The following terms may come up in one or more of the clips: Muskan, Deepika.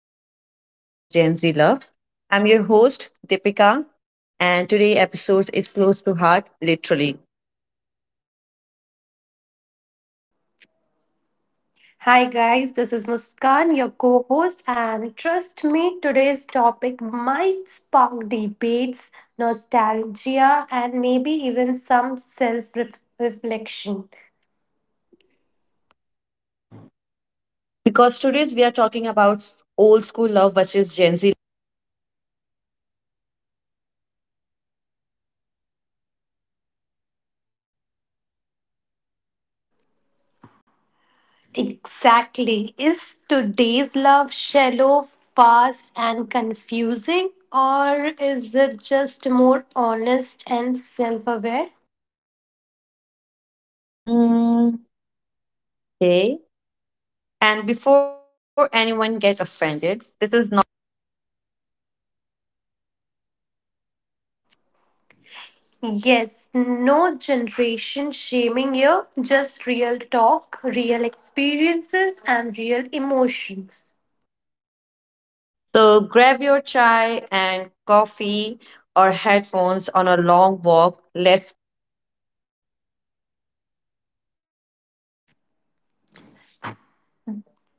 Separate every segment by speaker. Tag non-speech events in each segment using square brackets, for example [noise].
Speaker 1: Old School Love versus Gen Z Love. I'm your host, Deepika, and today's episode is close to heart, literally.
Speaker 2: Hi guys, this is Muskan, your co-host, and trust me, today's topic might spark debates, nostalgia, and maybe even some self-reflection.
Speaker 1: Because today's we are talking about old school love versus Gen Z.
Speaker 2: Exactly. Is today's love shallow, fast, and confusing, or is it just more honest and self-aware?
Speaker 1: Hmm, okay. And before anyone get offended, this is not.
Speaker 2: Yes, no generation shaming here, just real talk, real experiences, and real emotions.
Speaker 1: So grab your chai and coffee or headphones on a long walk. Let's.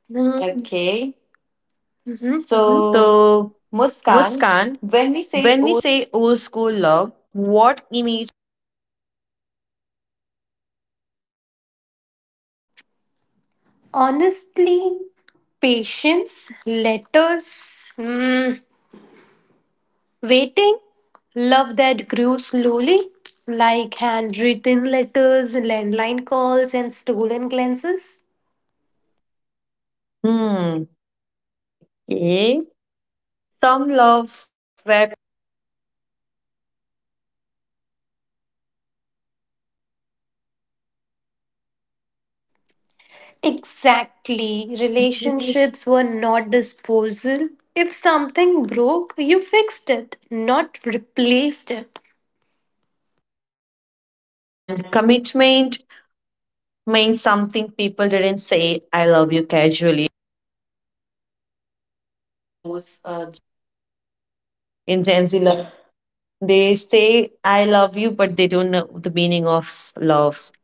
Speaker 2: Mm. Okay. Mhm.
Speaker 1: Mhm.
Speaker 2: So,
Speaker 1: So,
Speaker 2: Muskan,
Speaker 1: Muskan,
Speaker 2: when we say
Speaker 1: when we
Speaker 2: old,
Speaker 1: say old school love, what image?
Speaker 2: honestly, patience, letters, mm, waiting, love that grew slowly, like handwritten letters, landline calls, and stolen glances.
Speaker 1: Hmm. Okay. Some love where
Speaker 2: Exactly.
Speaker 1: integrity
Speaker 2: Relationships were not disposal. If something broke, you fixed it, not replaced it.
Speaker 1: and commitment meant something. People didn't say I love you casually.
Speaker 2: Knows.
Speaker 1: In Gen Z love, they say I love you, but they don't know the meaning of love.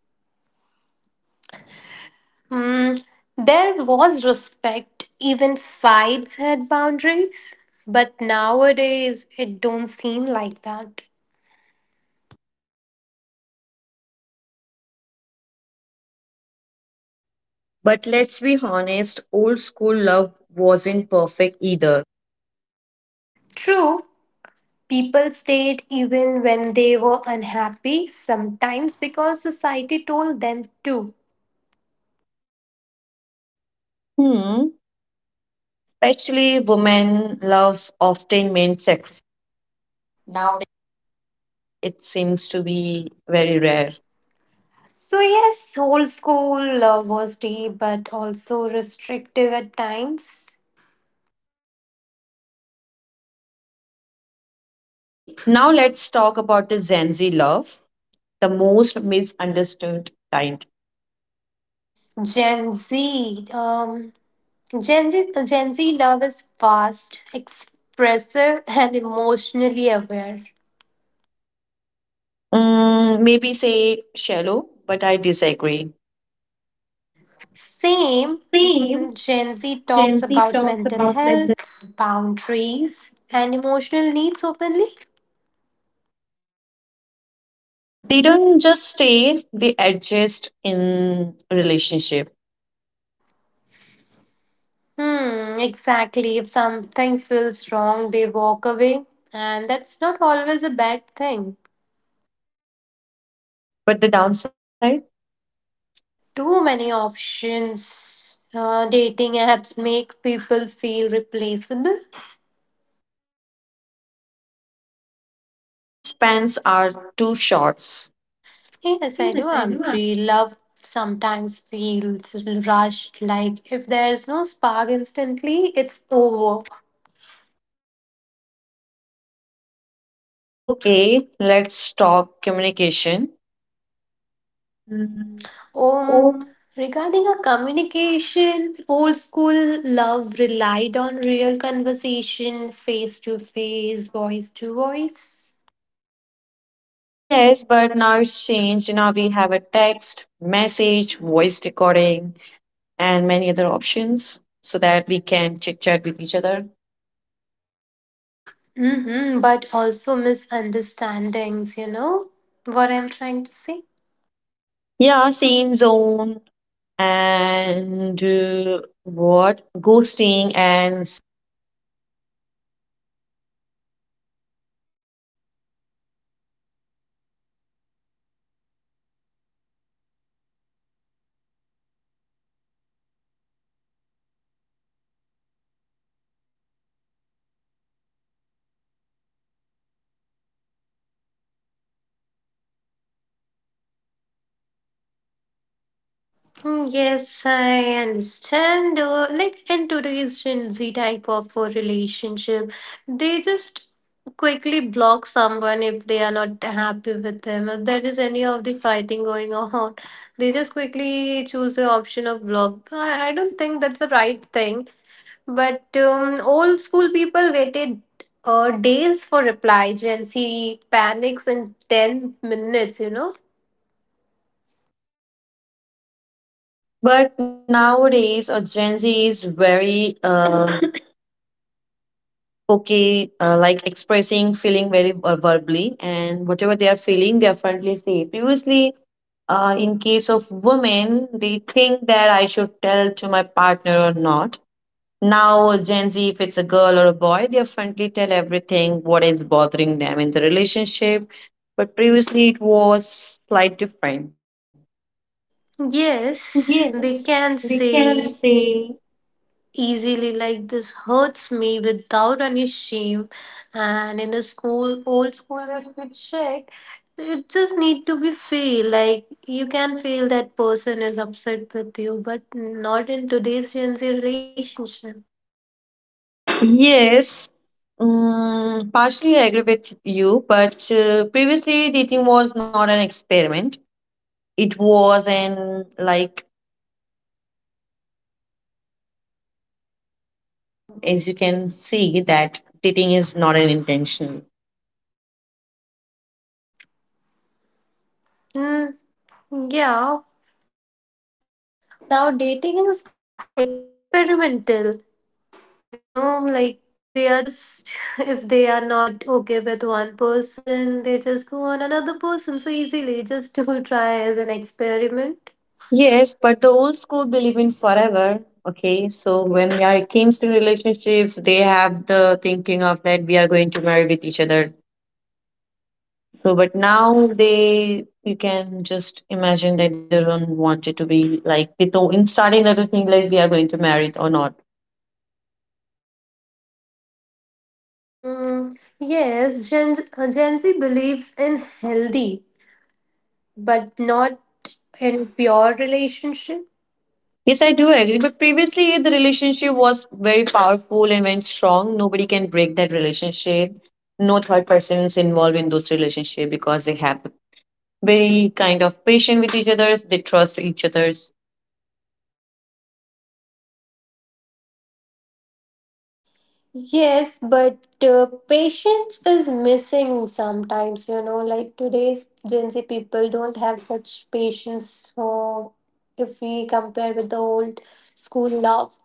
Speaker 2: Hmm. There was respect. Even fights had boundaries. But nowadays, it don't seem like that.
Speaker 1: But let's be honest, old school love wasn't perfect either.
Speaker 2: True, people stayed even when they were unhappy, sometimes because society told them to.
Speaker 1: Hmm. Especially women love often meant sacrifice.
Speaker 2: Now,
Speaker 1: It seems to be very rare.
Speaker 2: so, yes, old school was deep but also restrictive at times.
Speaker 1: Okay, now let's talk about the Gen Z love, the most misunderstood kind.
Speaker 2: Gen Z, um, Gen Z love is fast, expressive, and emotionally aware.
Speaker 1: Maybe say shallow, but I disagree.
Speaker 2: Same,
Speaker 1: Same,
Speaker 2: Gen Z
Speaker 1: Gen Z
Speaker 2: talks
Speaker 1: talks
Speaker 2: about
Speaker 1: about
Speaker 2: mental
Speaker 1: mental.
Speaker 2: health, boundaries, and emotional needs openly.
Speaker 1: They don't just stay, they adjust in relationship.
Speaker 2: Hmm, exactly. If something feels wrong, they walk away, and that's not always a bad thing.
Speaker 1: But the downside?
Speaker 2: Too many options. Dating apps make people feel replaceable.
Speaker 1: And attention spans are too short.
Speaker 2: Yes, I do
Speaker 1: Yes, I do.
Speaker 2: agree. Love sometimes feels rushed. Like if there's no spark instantly, it's over.
Speaker 1: Okay, let's talk communication. Mm.
Speaker 2: Um, Regarding a communication, old school love relied on real conversation, face to face, voice to voice.
Speaker 1: Yes, but now it's changed. Now we have a text, message, voice recording, and many other options so that we can chit chat with each other.
Speaker 2: Mm-hmm, but also misunderstandings, you know what I'm trying to say?
Speaker 1: Yeah, same zone and what ghosting and.
Speaker 2: Mm, yes, I understand. Like in today's Gen Z type of a relationship, they just quickly block someone if they are not happy with them. If there is any of the fighting going [laughs] on, they just quickly choose the option of block. I don't think that's the right thing. But old school people waited days for reply. Gen Z panics in 10 minutes, you know.
Speaker 1: But nowadays a Gen Z is very okay like expressing feeling very verbally, and whatever they are feeling they apparently say previously, in case of women they think that I should tell to my partner or not. Now Gen Z, if it's a girl or a boy, they apparently tell everything what is bothering them in the relationship, but previously it was slight different.
Speaker 2: Yes,
Speaker 1: Yes,
Speaker 2: they
Speaker 1: they
Speaker 2: can
Speaker 1: can
Speaker 2: say
Speaker 1: say.
Speaker 2: easily like this hurts me without any shame, and in a school old school if we check, it just need to be feel like you can feel that person is upset with you, but not in today's Gen Z relationship.
Speaker 1: Yes, partially I agree with you, but previously dating was not an experiment. It was an, like, as you can see, that dating is not an intention.
Speaker 2: mm, yeah, now dating is experimental, you know, like they are just [laughs] if they are not okay with one person they just go on another person so easily just to [laughs] try as an experiment.
Speaker 1: Yes, but the old school believe in forever. Okay, so when we are it comes to relationships, they have the thinking of that we are going to marry with each other. So, but now they, you can just imagine that they don't want it to be like, they don't, in starting, that they think like we are going to marry or not.
Speaker 2: Hmm. Yes, Gen Z believes in healthy, but not in pure relationship.
Speaker 1: Yes, I do agree. But previously, the relationship was very powerful and very strong. Nobody can break that relationship. No third person is involved in those relationship because they have very kind of patient with each other. They trust each other's.
Speaker 2: Yes, but patience is missing sometimes, you know, like today's Gen Z people don't have much patience for if we compare with the old school love.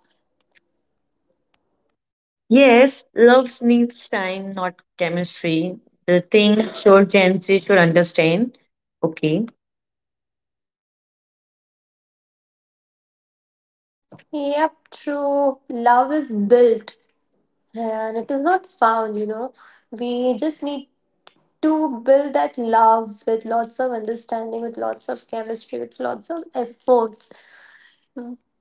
Speaker 1: Yes, love needs time, not chemistry. The thing sure Gen Z should understand. Okay.
Speaker 2: Yep, true. Love is built and it is not found, you know. We just need to build that love with lots of understanding, with lots of chemistry, with lots of efforts. Mm,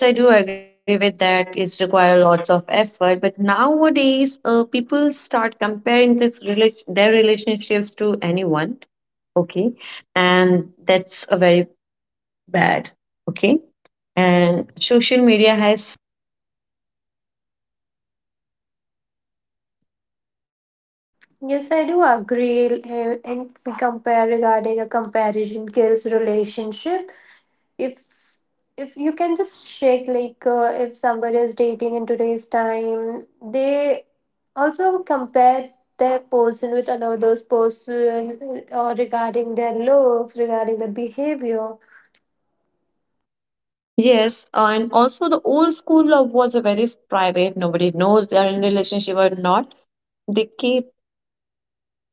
Speaker 1: Yes, I do agree with that. It's require lots of effort, but nowadays, people start comparing their relationships to anyone. Okay, and that's a very bad. Okay, and social media has.
Speaker 2: yes, I do agree. And we compare regarding a comparison kills relationship. If if you can just check, like if somebody is dating in today's time, they also compare their person with another's person, or regarding their looks, regarding their behavior.
Speaker 1: Yes, and also the old school love was a very private. Nobody knows they are in relationship or not. They keep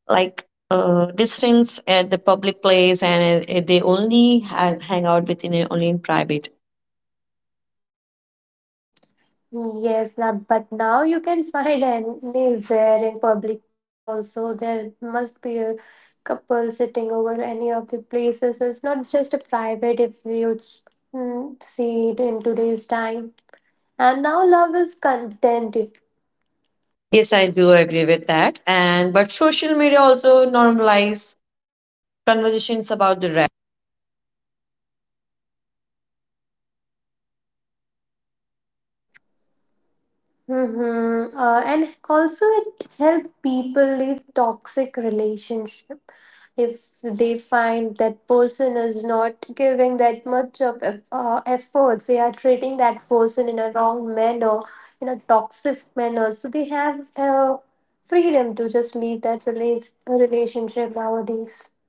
Speaker 1: like distance at the public place, and they only hang out within only in private.
Speaker 2: Yes, now, but now you can [laughs] find anywhere in public place also. There must be a couple sitting over any of the places. It's not just a private if you see it in today's time. And now love is content.
Speaker 1: Yes, I do agree with that. And but social media also normalize conversations about the rap.
Speaker 2: Mm-hmm. And also it helps people leave toxic relationship if they find that person is not giving that much of efforts. They are treating that person in a wrong manner, in a toxic manner. So they have freedom to just leave that relationship nowadays.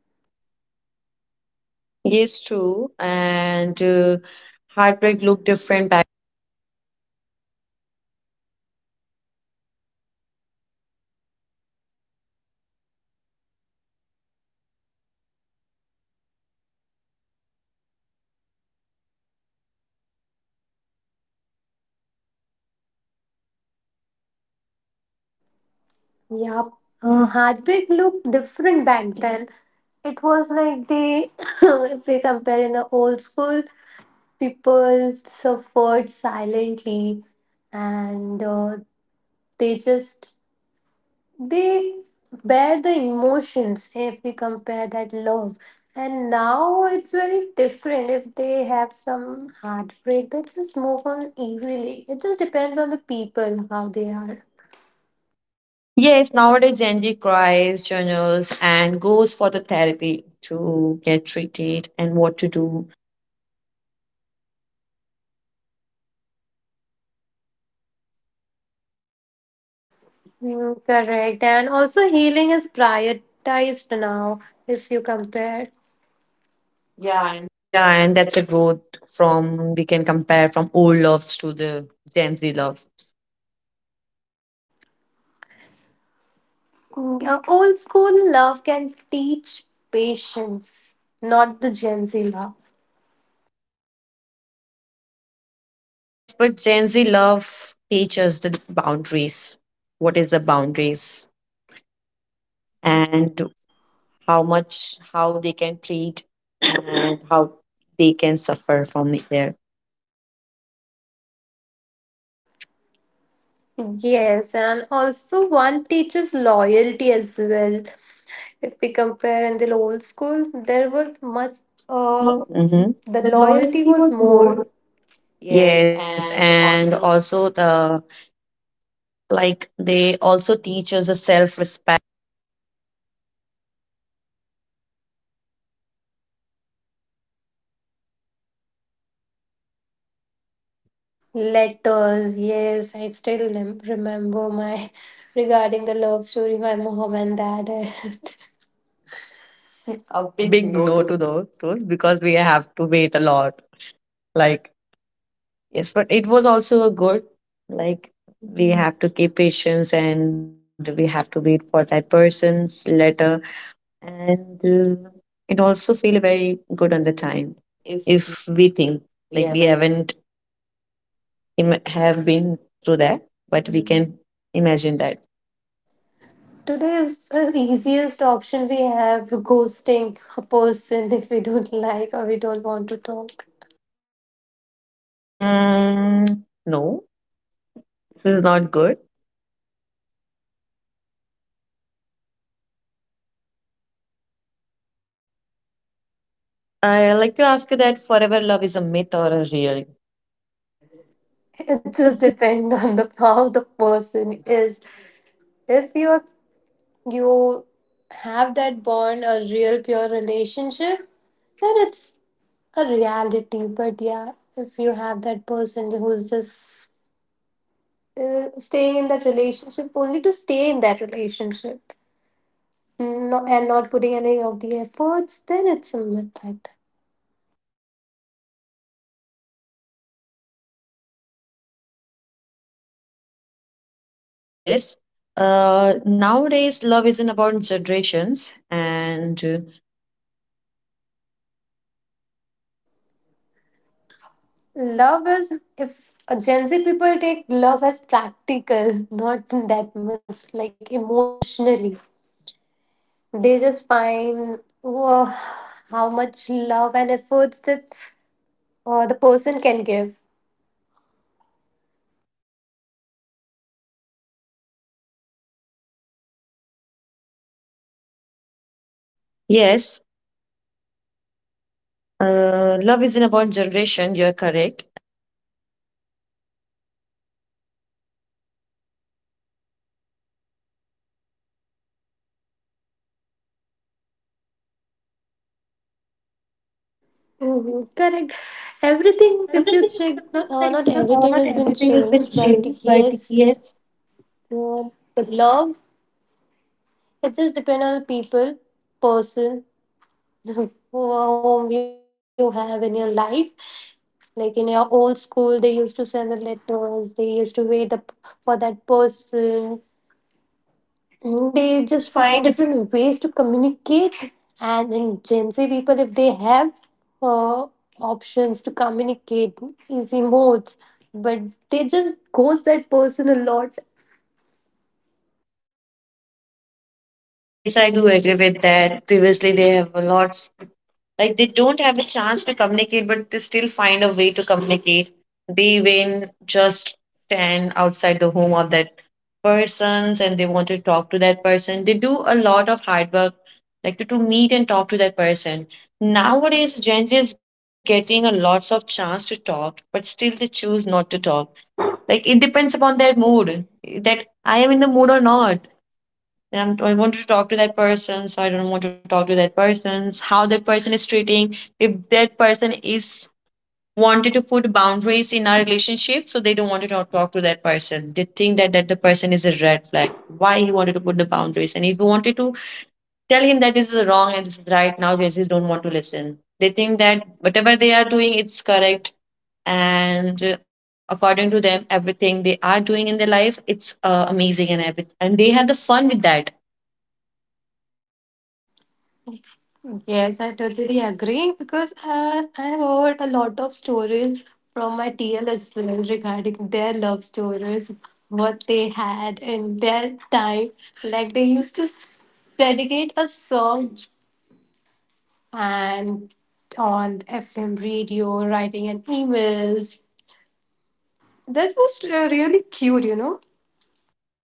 Speaker 1: Yes, true. And heartbreak look different back.
Speaker 2: Yeah.
Speaker 1: Mm.
Speaker 2: Heartbreak looked different back then. It was like they, [coughs] if we compare in the old school, people suffered silently, and they just they bear the emotions if we compare that love. And now it's very different. If they have some heartbreak, they just move on easily. It just depends on the people how they are.
Speaker 1: Yes, nowadays Gen Z cries, journals, and goes for the therapy to get treated and what to do.
Speaker 2: Mm, correct, and also healing is prioritized now if you compare. Yeah.
Speaker 1: Yeah, and that's a growth from we can compare from old loves to the Gen Z love.
Speaker 2: Yeah, old school love can teach patience, not the Gen Z love.
Speaker 1: Yes, but Gen Z love teaches the boundaries. What is the boundaries? And how much, how they can treat, and how they can suffer from it there.
Speaker 2: Yes, and also one teaches loyalty as well. If we compare in the old school, there was much,
Speaker 1: Much. uh, hmm
Speaker 2: Mhm. The
Speaker 1: the
Speaker 2: loyalty
Speaker 1: loyalty
Speaker 2: was
Speaker 1: was
Speaker 2: more.
Speaker 1: more.
Speaker 2: Yes,
Speaker 1: Yes,
Speaker 2: and
Speaker 1: and
Speaker 2: also
Speaker 1: also the. Like, they also teach us the self-respect.
Speaker 2: letters. Yes, I still remember my [laughs] regarding the love story, my mom and dad. [laughs] A
Speaker 1: A
Speaker 2: big
Speaker 1: big
Speaker 2: no
Speaker 1: no
Speaker 2: to the
Speaker 1: to those because we have to wait a lot. Like, yes, but it was also a good. Like, we have to keep patience and we have to wait for that person's letter. And uh, it also feel very good on the time
Speaker 2: if
Speaker 1: if we think
Speaker 2: like we
Speaker 1: like we
Speaker 2: haven't.
Speaker 1: haven't have been through that, but we can imagine that.
Speaker 2: Today is the easiest option we have ghosting a person [laughs] if we don't like or we don't want to talk.
Speaker 1: No, this is not good. I like to ask you that forever love is a myth or a real?
Speaker 2: It just depends on the how the person is. If you have that bond, a real pure relationship, then it's a reality. But yeah, if you have that person who's just staying in that relationship only to stay in that relationship, no, and not putting any of the efforts, then it's a myth, I think.
Speaker 1: Yes. Nowadays, love isn't about generations. And
Speaker 2: Love is if Gen Z people take love as practical, [laughs] not that much like emotionally. They just find whoa, how much love and efforts that the person can give.
Speaker 1: yes, love isn't about generation. You're correct.
Speaker 2: Mhm, correct. Everything,
Speaker 1: Everything,
Speaker 2: if you
Speaker 1: is
Speaker 2: check,
Speaker 1: like
Speaker 2: the, not
Speaker 1: not
Speaker 2: everything
Speaker 1: everything
Speaker 2: has
Speaker 1: has
Speaker 2: been
Speaker 1: been
Speaker 2: changed,
Speaker 1: changed,
Speaker 2: but
Speaker 1: but yes,
Speaker 2: yes, uh, the love, it just depends on the people, person, [laughs] home you have in your life. Like in your old school, they used to send the letters, they used to wait the, for that person. Mm, they
Speaker 1: they
Speaker 2: just
Speaker 1: just
Speaker 2: find
Speaker 1: find.
Speaker 2: different ways to communicate. And in Gen Z people, if they have uh, options to communicate, easy modes, but they just ghost that person a lot.
Speaker 1: Yes, I do agree with that. Previously, they have a lot, like they don't have a chance to communicate, but they still find a way to communicate. They even just stand outside the home of that persons and they want to talk to that person. They do a lot of hard work, like to meet and talk to that person. Nowadays, Gen Z is getting a lots of chance to talk, but still they choose not to talk. Like it depends upon their mood, that I am in the mood or not. And I want to talk to that person, so I don't want to talk to that person. How that person is treating, if that person is wanted to put boundaries in our relationship, so they don't want to talk to that person. They think that that the person is a red flag. Why he wanted to put the boundaries? And if you wanted to tell him that this is wrong and this is right now, they just don't want to listen. They think that whatever they are doing, it's correct. And according to them, everything they are doing in their life, it's amazing and everything, and they have the fun with that.
Speaker 2: Yes, I totally agree because I have heard a lot of stories from my TL as well regarding their love stories, what they had in their time. Like they used to dedicate a song and on FM radio, writing an emails. That was really cute, you know.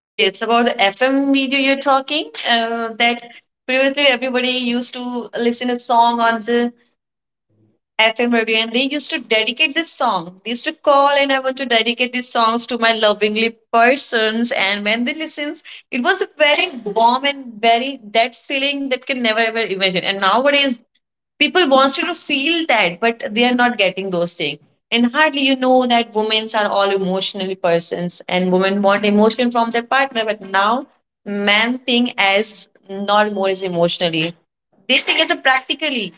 Speaker 1: Yeah, it's about the FM video you're talking, that previously everybody used to listen a song on the FM radio, and they used to dedicate this song. They used to call, and I want to dedicate these songs to my lovingly persons. And when they listens, it was a very [laughs] warm and very that feeling that can never ever imagine. And nowadays, people wants you to feel that, but they are not getting those things. And hardly you know that women are all emotionally persons, and women want emotion from their partner. But now, men think as not more as emotionally. They think as a practically,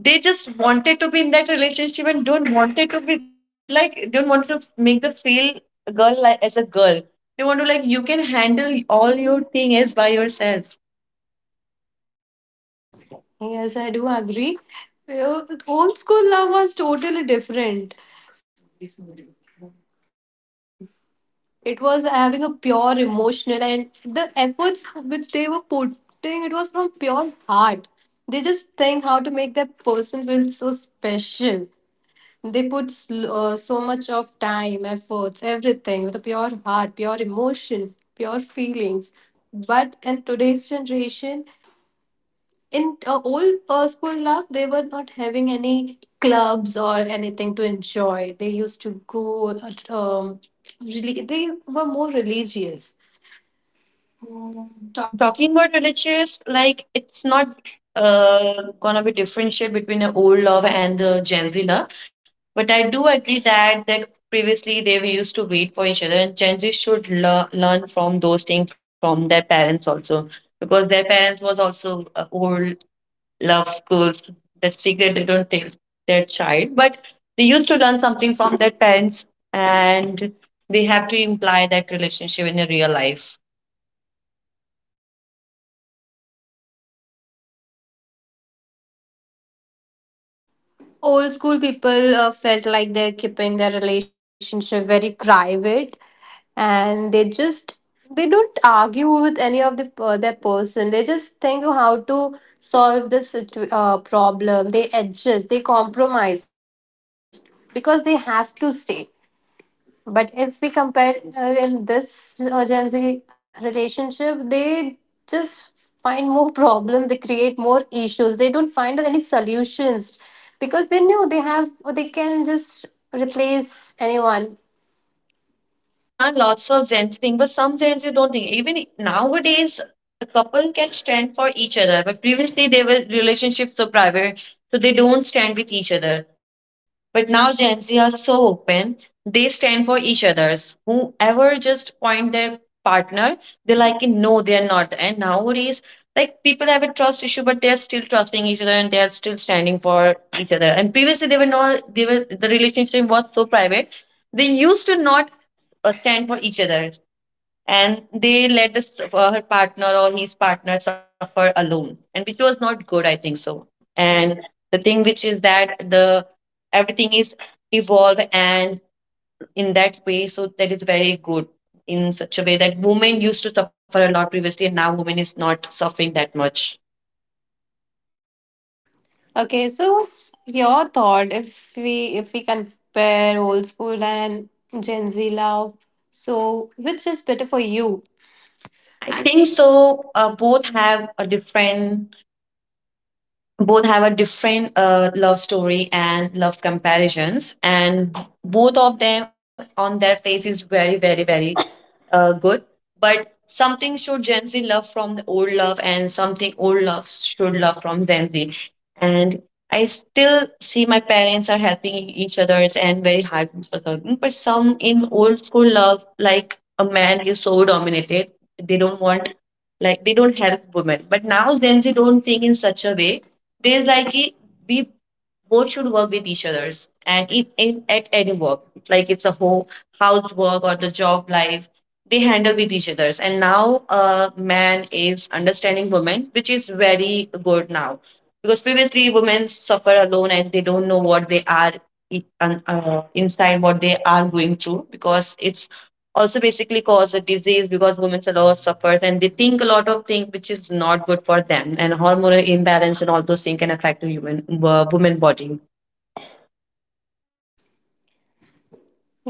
Speaker 1: they just wanted to be in that relationship and don't wanted to be like don't want to make the feel girl, like as a girl they want to, like, you can handle all your things by yourself.
Speaker 2: Yes, I do agree. Uh, Old school love was totally different. It was having a pure emotional and the efforts which they were putting, it was from pure heart. They just think how to make that person feel so special. They put so much of time, efforts, everything with a pure heart, pure emotion, pure feelings. But in today's generation, in old school love they were not having any clubs or anything to enjoy. They used to go at, really they were more religious
Speaker 1: Mm,
Speaker 2: talking.
Speaker 1: talking about relationships, like it's not uh, gonna be differentiate between the old love and the Gen Z love. But I do agree that that previously they were used to wait for each other, and Gen Z should learn from those things from their parents also. Because their parents was also old love schools, the secret they don't tell their child, but they used to learn something from their parents, and they have to imply that relationship in their real life.
Speaker 2: Old school people felt like they're keeping their relationship very private, and they just they don't argue with any of the their person. They just think of how to solve this problem. They adjust, they compromise because they have to stay. But if we compare in this Gen Z relationship, they just find more problems. They create more issues. They don't find any solutions because they know they have, they can just replace anyone.
Speaker 1: Yeah, lots of Zen thing, but some Zens you don't think. Even nowadays, a couple can stand for each other, but previously they were relationships were private, so they don't stand with each other. But now Gen Z are so open, they stand for each other's. Whoever just point their partner, they like it, no, they are not. And nowadays, like people have a trust issue, but they are still trusting each other and they are still standing for each other. And previously they were not, they were, the relationship was so private. They used to not stand for each other, and they let this her partner or his partner suffer alone, and which was not good I think so. And the thing which is that the everything is evolve and in that way, so that is very good. In such a way that women used to suffer a lot previously, and now women is not suffering that much.
Speaker 2: Okay, so what's your thought if we compare old school and Gen Z love? So which is better for you?
Speaker 1: I think so. Both have a different, love story and love comparisons, and both of them on their place is very very very good. But something should Gen Z love from the old love, and something old love should love from Gen Z. And I still see my parents are helping each others and very hard with each other. But some in old school love, like a man is so dominated, they don't want, like they don't help women, but now Gen Z don't think in such a way. There's like it, we both should work with each others, and if in at any work, like it's a whole house work or the job life, they handle with each others. And now man is understanding women, which is very good now, because previously women suffer alone and they don't know what they are inside what they are going through, because it's also basically cause a disease, because women a lot suffers and they think a lot of things which is not good for them, and hormonal imbalance and all those things can affect the human woman body.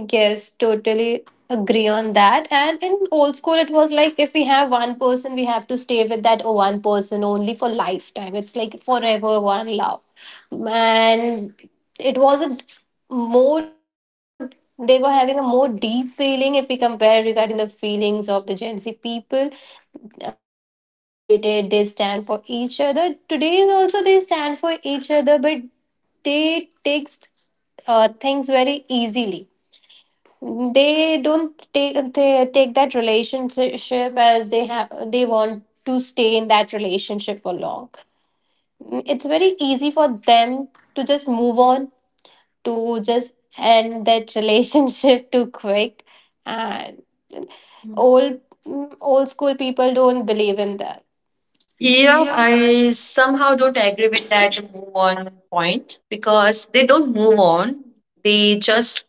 Speaker 2: Yes, totally agree on that. And in old school, it was like if we have one person, we have to stay with that one person only for lifetime. It's like forever one love. And it was a more, they were having a more deep feeling if we compare regarding the feelings of the Gen Z people. And as you stated, they stand for each other. Today, also, they stand for each other, but they takes things very easily. They don't take, they take that relationship as they have, they want to stay in that relationship for long. It's very easy for them to just move on, to just end that relationship [laughs] too quick. And old old school people don't believe in that.
Speaker 1: Yeah,
Speaker 2: Yeah i
Speaker 1: I somehow don't agree with that move on point, because they don't move on, they just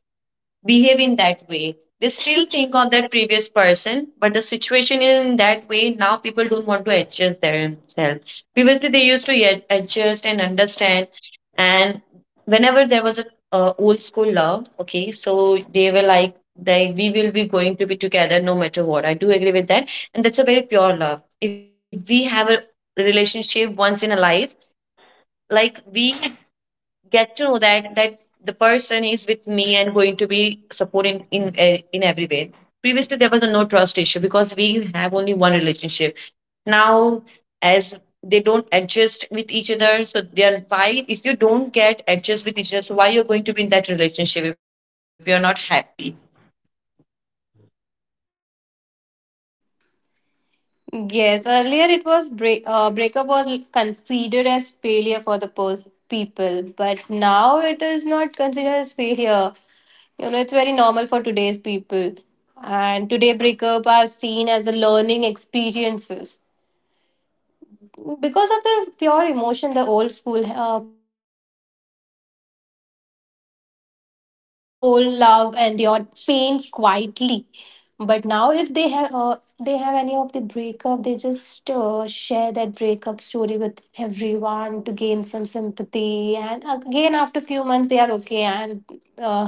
Speaker 1: behave in that way. They still think of that previous person, but the situation is in that way. Now people don't want to adjust themselves. Previously, they used to adjust and understand. And whenever there was a old school love, okay, so they were like, they, we will be going to be together no matter what. I do agree with that. And that's a very pure love. If we have a relationship once in a life, like we get to know that the person is with me and going to be supporting in in every way. Previously there was a no trust issue because we have only one relationship. Now, as they don't adjust with each other, so they are, why if you don't get adjust with each other, so why you're going to be in that relationship if you're not happy?
Speaker 2: Yes, earlier it was breakup was considered as failure for the people, but now it is not considered as failure. You know, it's very normal for today's people. And today, breakup are seen as a learning experiences because of the pure emotion the old school people had, right? And also, old love endured pain quietly, but now, if they have they have any of the breakup, they just share that breakup story with everyone to gain some sympathy. And again, after few months, they are okay and uh,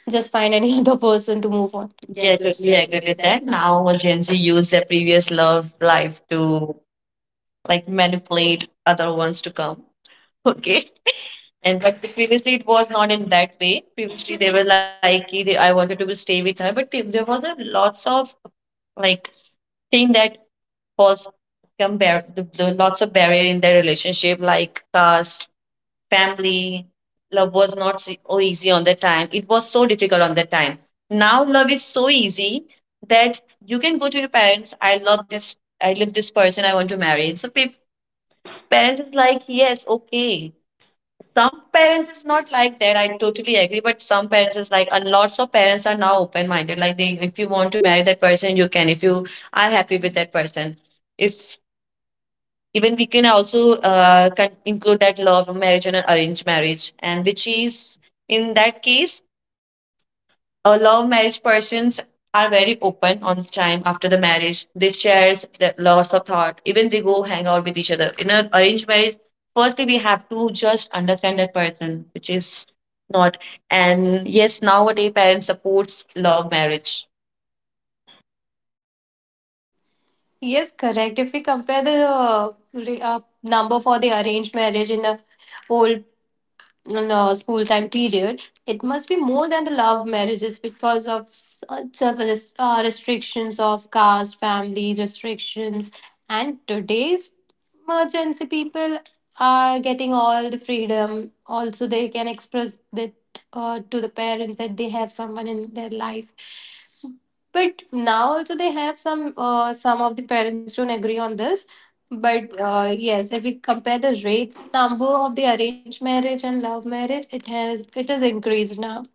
Speaker 2: just find any [laughs] other person to
Speaker 1: Yeah,
Speaker 2: move on.
Speaker 1: I
Speaker 2: Yeah, totally
Speaker 1: totally agree
Speaker 2: agree with
Speaker 1: with
Speaker 2: that.
Speaker 1: that.
Speaker 2: Now.
Speaker 1: Now, Gen Z use their previous love life to like manipulate other ones to come. [laughs] Okay. And but previously it was not in that way. Previously they were like, "Ki they, I wanted to be stay with her, but there was a lots of like thing that was, the lots of barrier in their relationship, like caste, family. Love was not e, so easy on that time. It was so difficult on that time. Now love is so easy that you can go to your parents. I love this. I love this person. I want to marry. So parents is like, yes, okay, some parents is not like that. I totally agree. But some parents is like, and lots of parents are now open minded. Like they, if you want to marry that person, you can. If you are happy with that person, if even we can also can include that love marriage and an arranged marriage, and which is in that case a love marriage persons are very open on time after the marriage. They share the lots of thought. Even they go hang out with each other. In an arranged marriage, firstly we have to just understand that person, which is not. And yes, nowadays parents supports love marriage.
Speaker 2: Yes, correct. If we compare the number for the arranged marriage in the old in a school time period, it must be more than the love marriages because of such of restrictions of caste, family restrictions. And today's emergency people are getting all the freedom. Also they can express that to the parents, that they have someone in their life. But now also they have some of the parents don't agree on this. But yes, if we compare the rates, number of the arranged marriage and love marriage, it has increased now.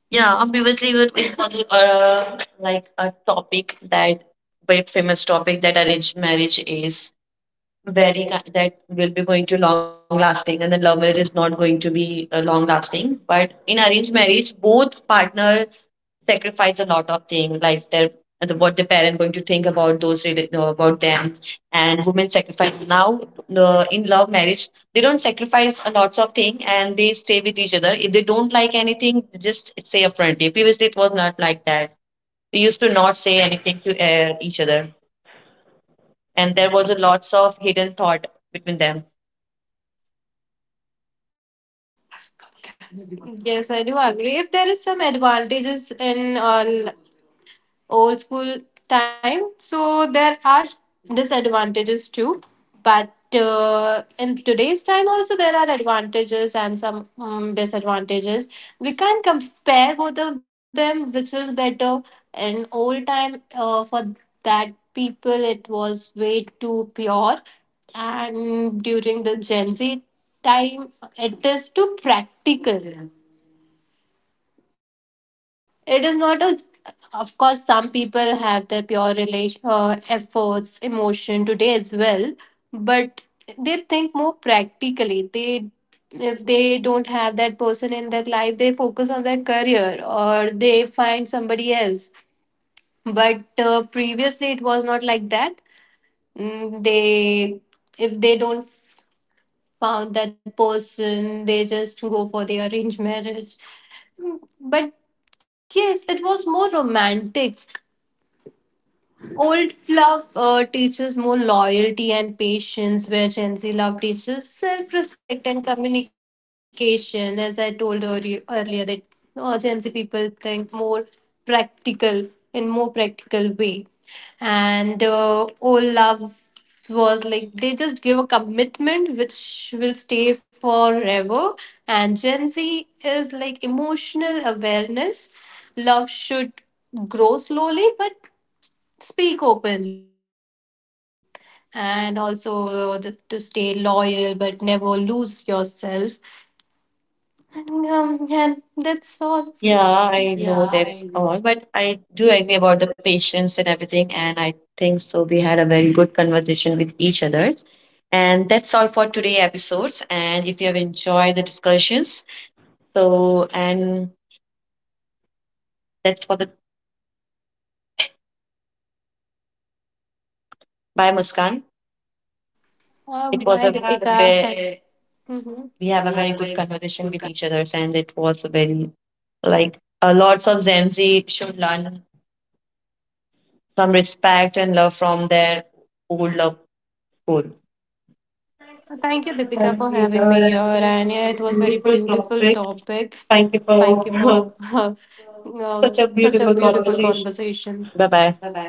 Speaker 1: Yeah, previously we were talking about the, like a topic that very famous topic that arranged marriage is very that will be going to long lasting, and the love marriage is not going to be long lasting, but in arranged marriage both partner sacrifice a lot of things, like their what their parent going to think about those about them, and women sacrifice. Now in love marriage they don't sacrifice a lots of thing, and they stay with each other. If they don't like anything they just say upfrontly. Previously it was not like that, they used to not say anything to each other, and there was a lots of hidden thought between them.
Speaker 2: Yes, I do agree. If there is some advantages in all old school time, so there are disadvantages too, but in today's time also there are advantages and some disadvantages. We can compare both of them, which is better. In old time, for that people, it was way too pure, and during the Gen Z time, it is too practical, it is not a. Of course, some people have their pure relation, efforts, emotion today as well, but they think more practically. They, if they don't have that person in their life, they focus on their career or they find somebody else. But previously, it was not like that. Mm, they, if they don't found that person, they just go for the arranged marriage, but yes, it was more romantic. Old love teaches more loyalty and patience, where Gen Z love teaches self respect and communication. As I told earlier that Gen Z people think more practical in more practical way, and oh love was like they just give a commitment which will stay forever, and Gen Z is like emotional awareness. Love should grow slowly but speak openly, and also to stay loyal but never lose yourself. And, and that's all.
Speaker 1: Yeah,
Speaker 2: yeah
Speaker 1: I
Speaker 2: i
Speaker 1: know
Speaker 2: know
Speaker 1: that's all, but I do agree about the patience and everything, and I think so. We had a very good conversation with each other, and that's all for today episodes. And if you have enjoyed the discussions, so and that's for the bye, Muskan.
Speaker 2: Oh
Speaker 1: It
Speaker 2: bye
Speaker 1: was a
Speaker 2: Deepika,
Speaker 1: where
Speaker 2: Mhm.
Speaker 1: we
Speaker 2: We
Speaker 1: have a
Speaker 2: have a
Speaker 1: very
Speaker 2: very
Speaker 1: good
Speaker 2: good.
Speaker 1: conversation with each others, and it was a very like lots of Gen Z should learn some respect and love from their old love school.
Speaker 2: Thank you, Deepika, for
Speaker 1: Having me
Speaker 2: having me
Speaker 1: here
Speaker 2: here.
Speaker 1: again
Speaker 2: And yeah,
Speaker 1: on
Speaker 2: it
Speaker 1: this
Speaker 2: was very
Speaker 1: beautiful
Speaker 2: beautiful
Speaker 1: topic.
Speaker 2: topic.
Speaker 1: Thank you
Speaker 2: Thank you for
Speaker 1: for
Speaker 2: [laughs]
Speaker 1: [laughs] such a
Speaker 2: such a
Speaker 1: beautiful
Speaker 2: beautiful
Speaker 1: conversation.
Speaker 2: conversation.
Speaker 1: Bye
Speaker 2: Bye
Speaker 1: bye.
Speaker 2: bye.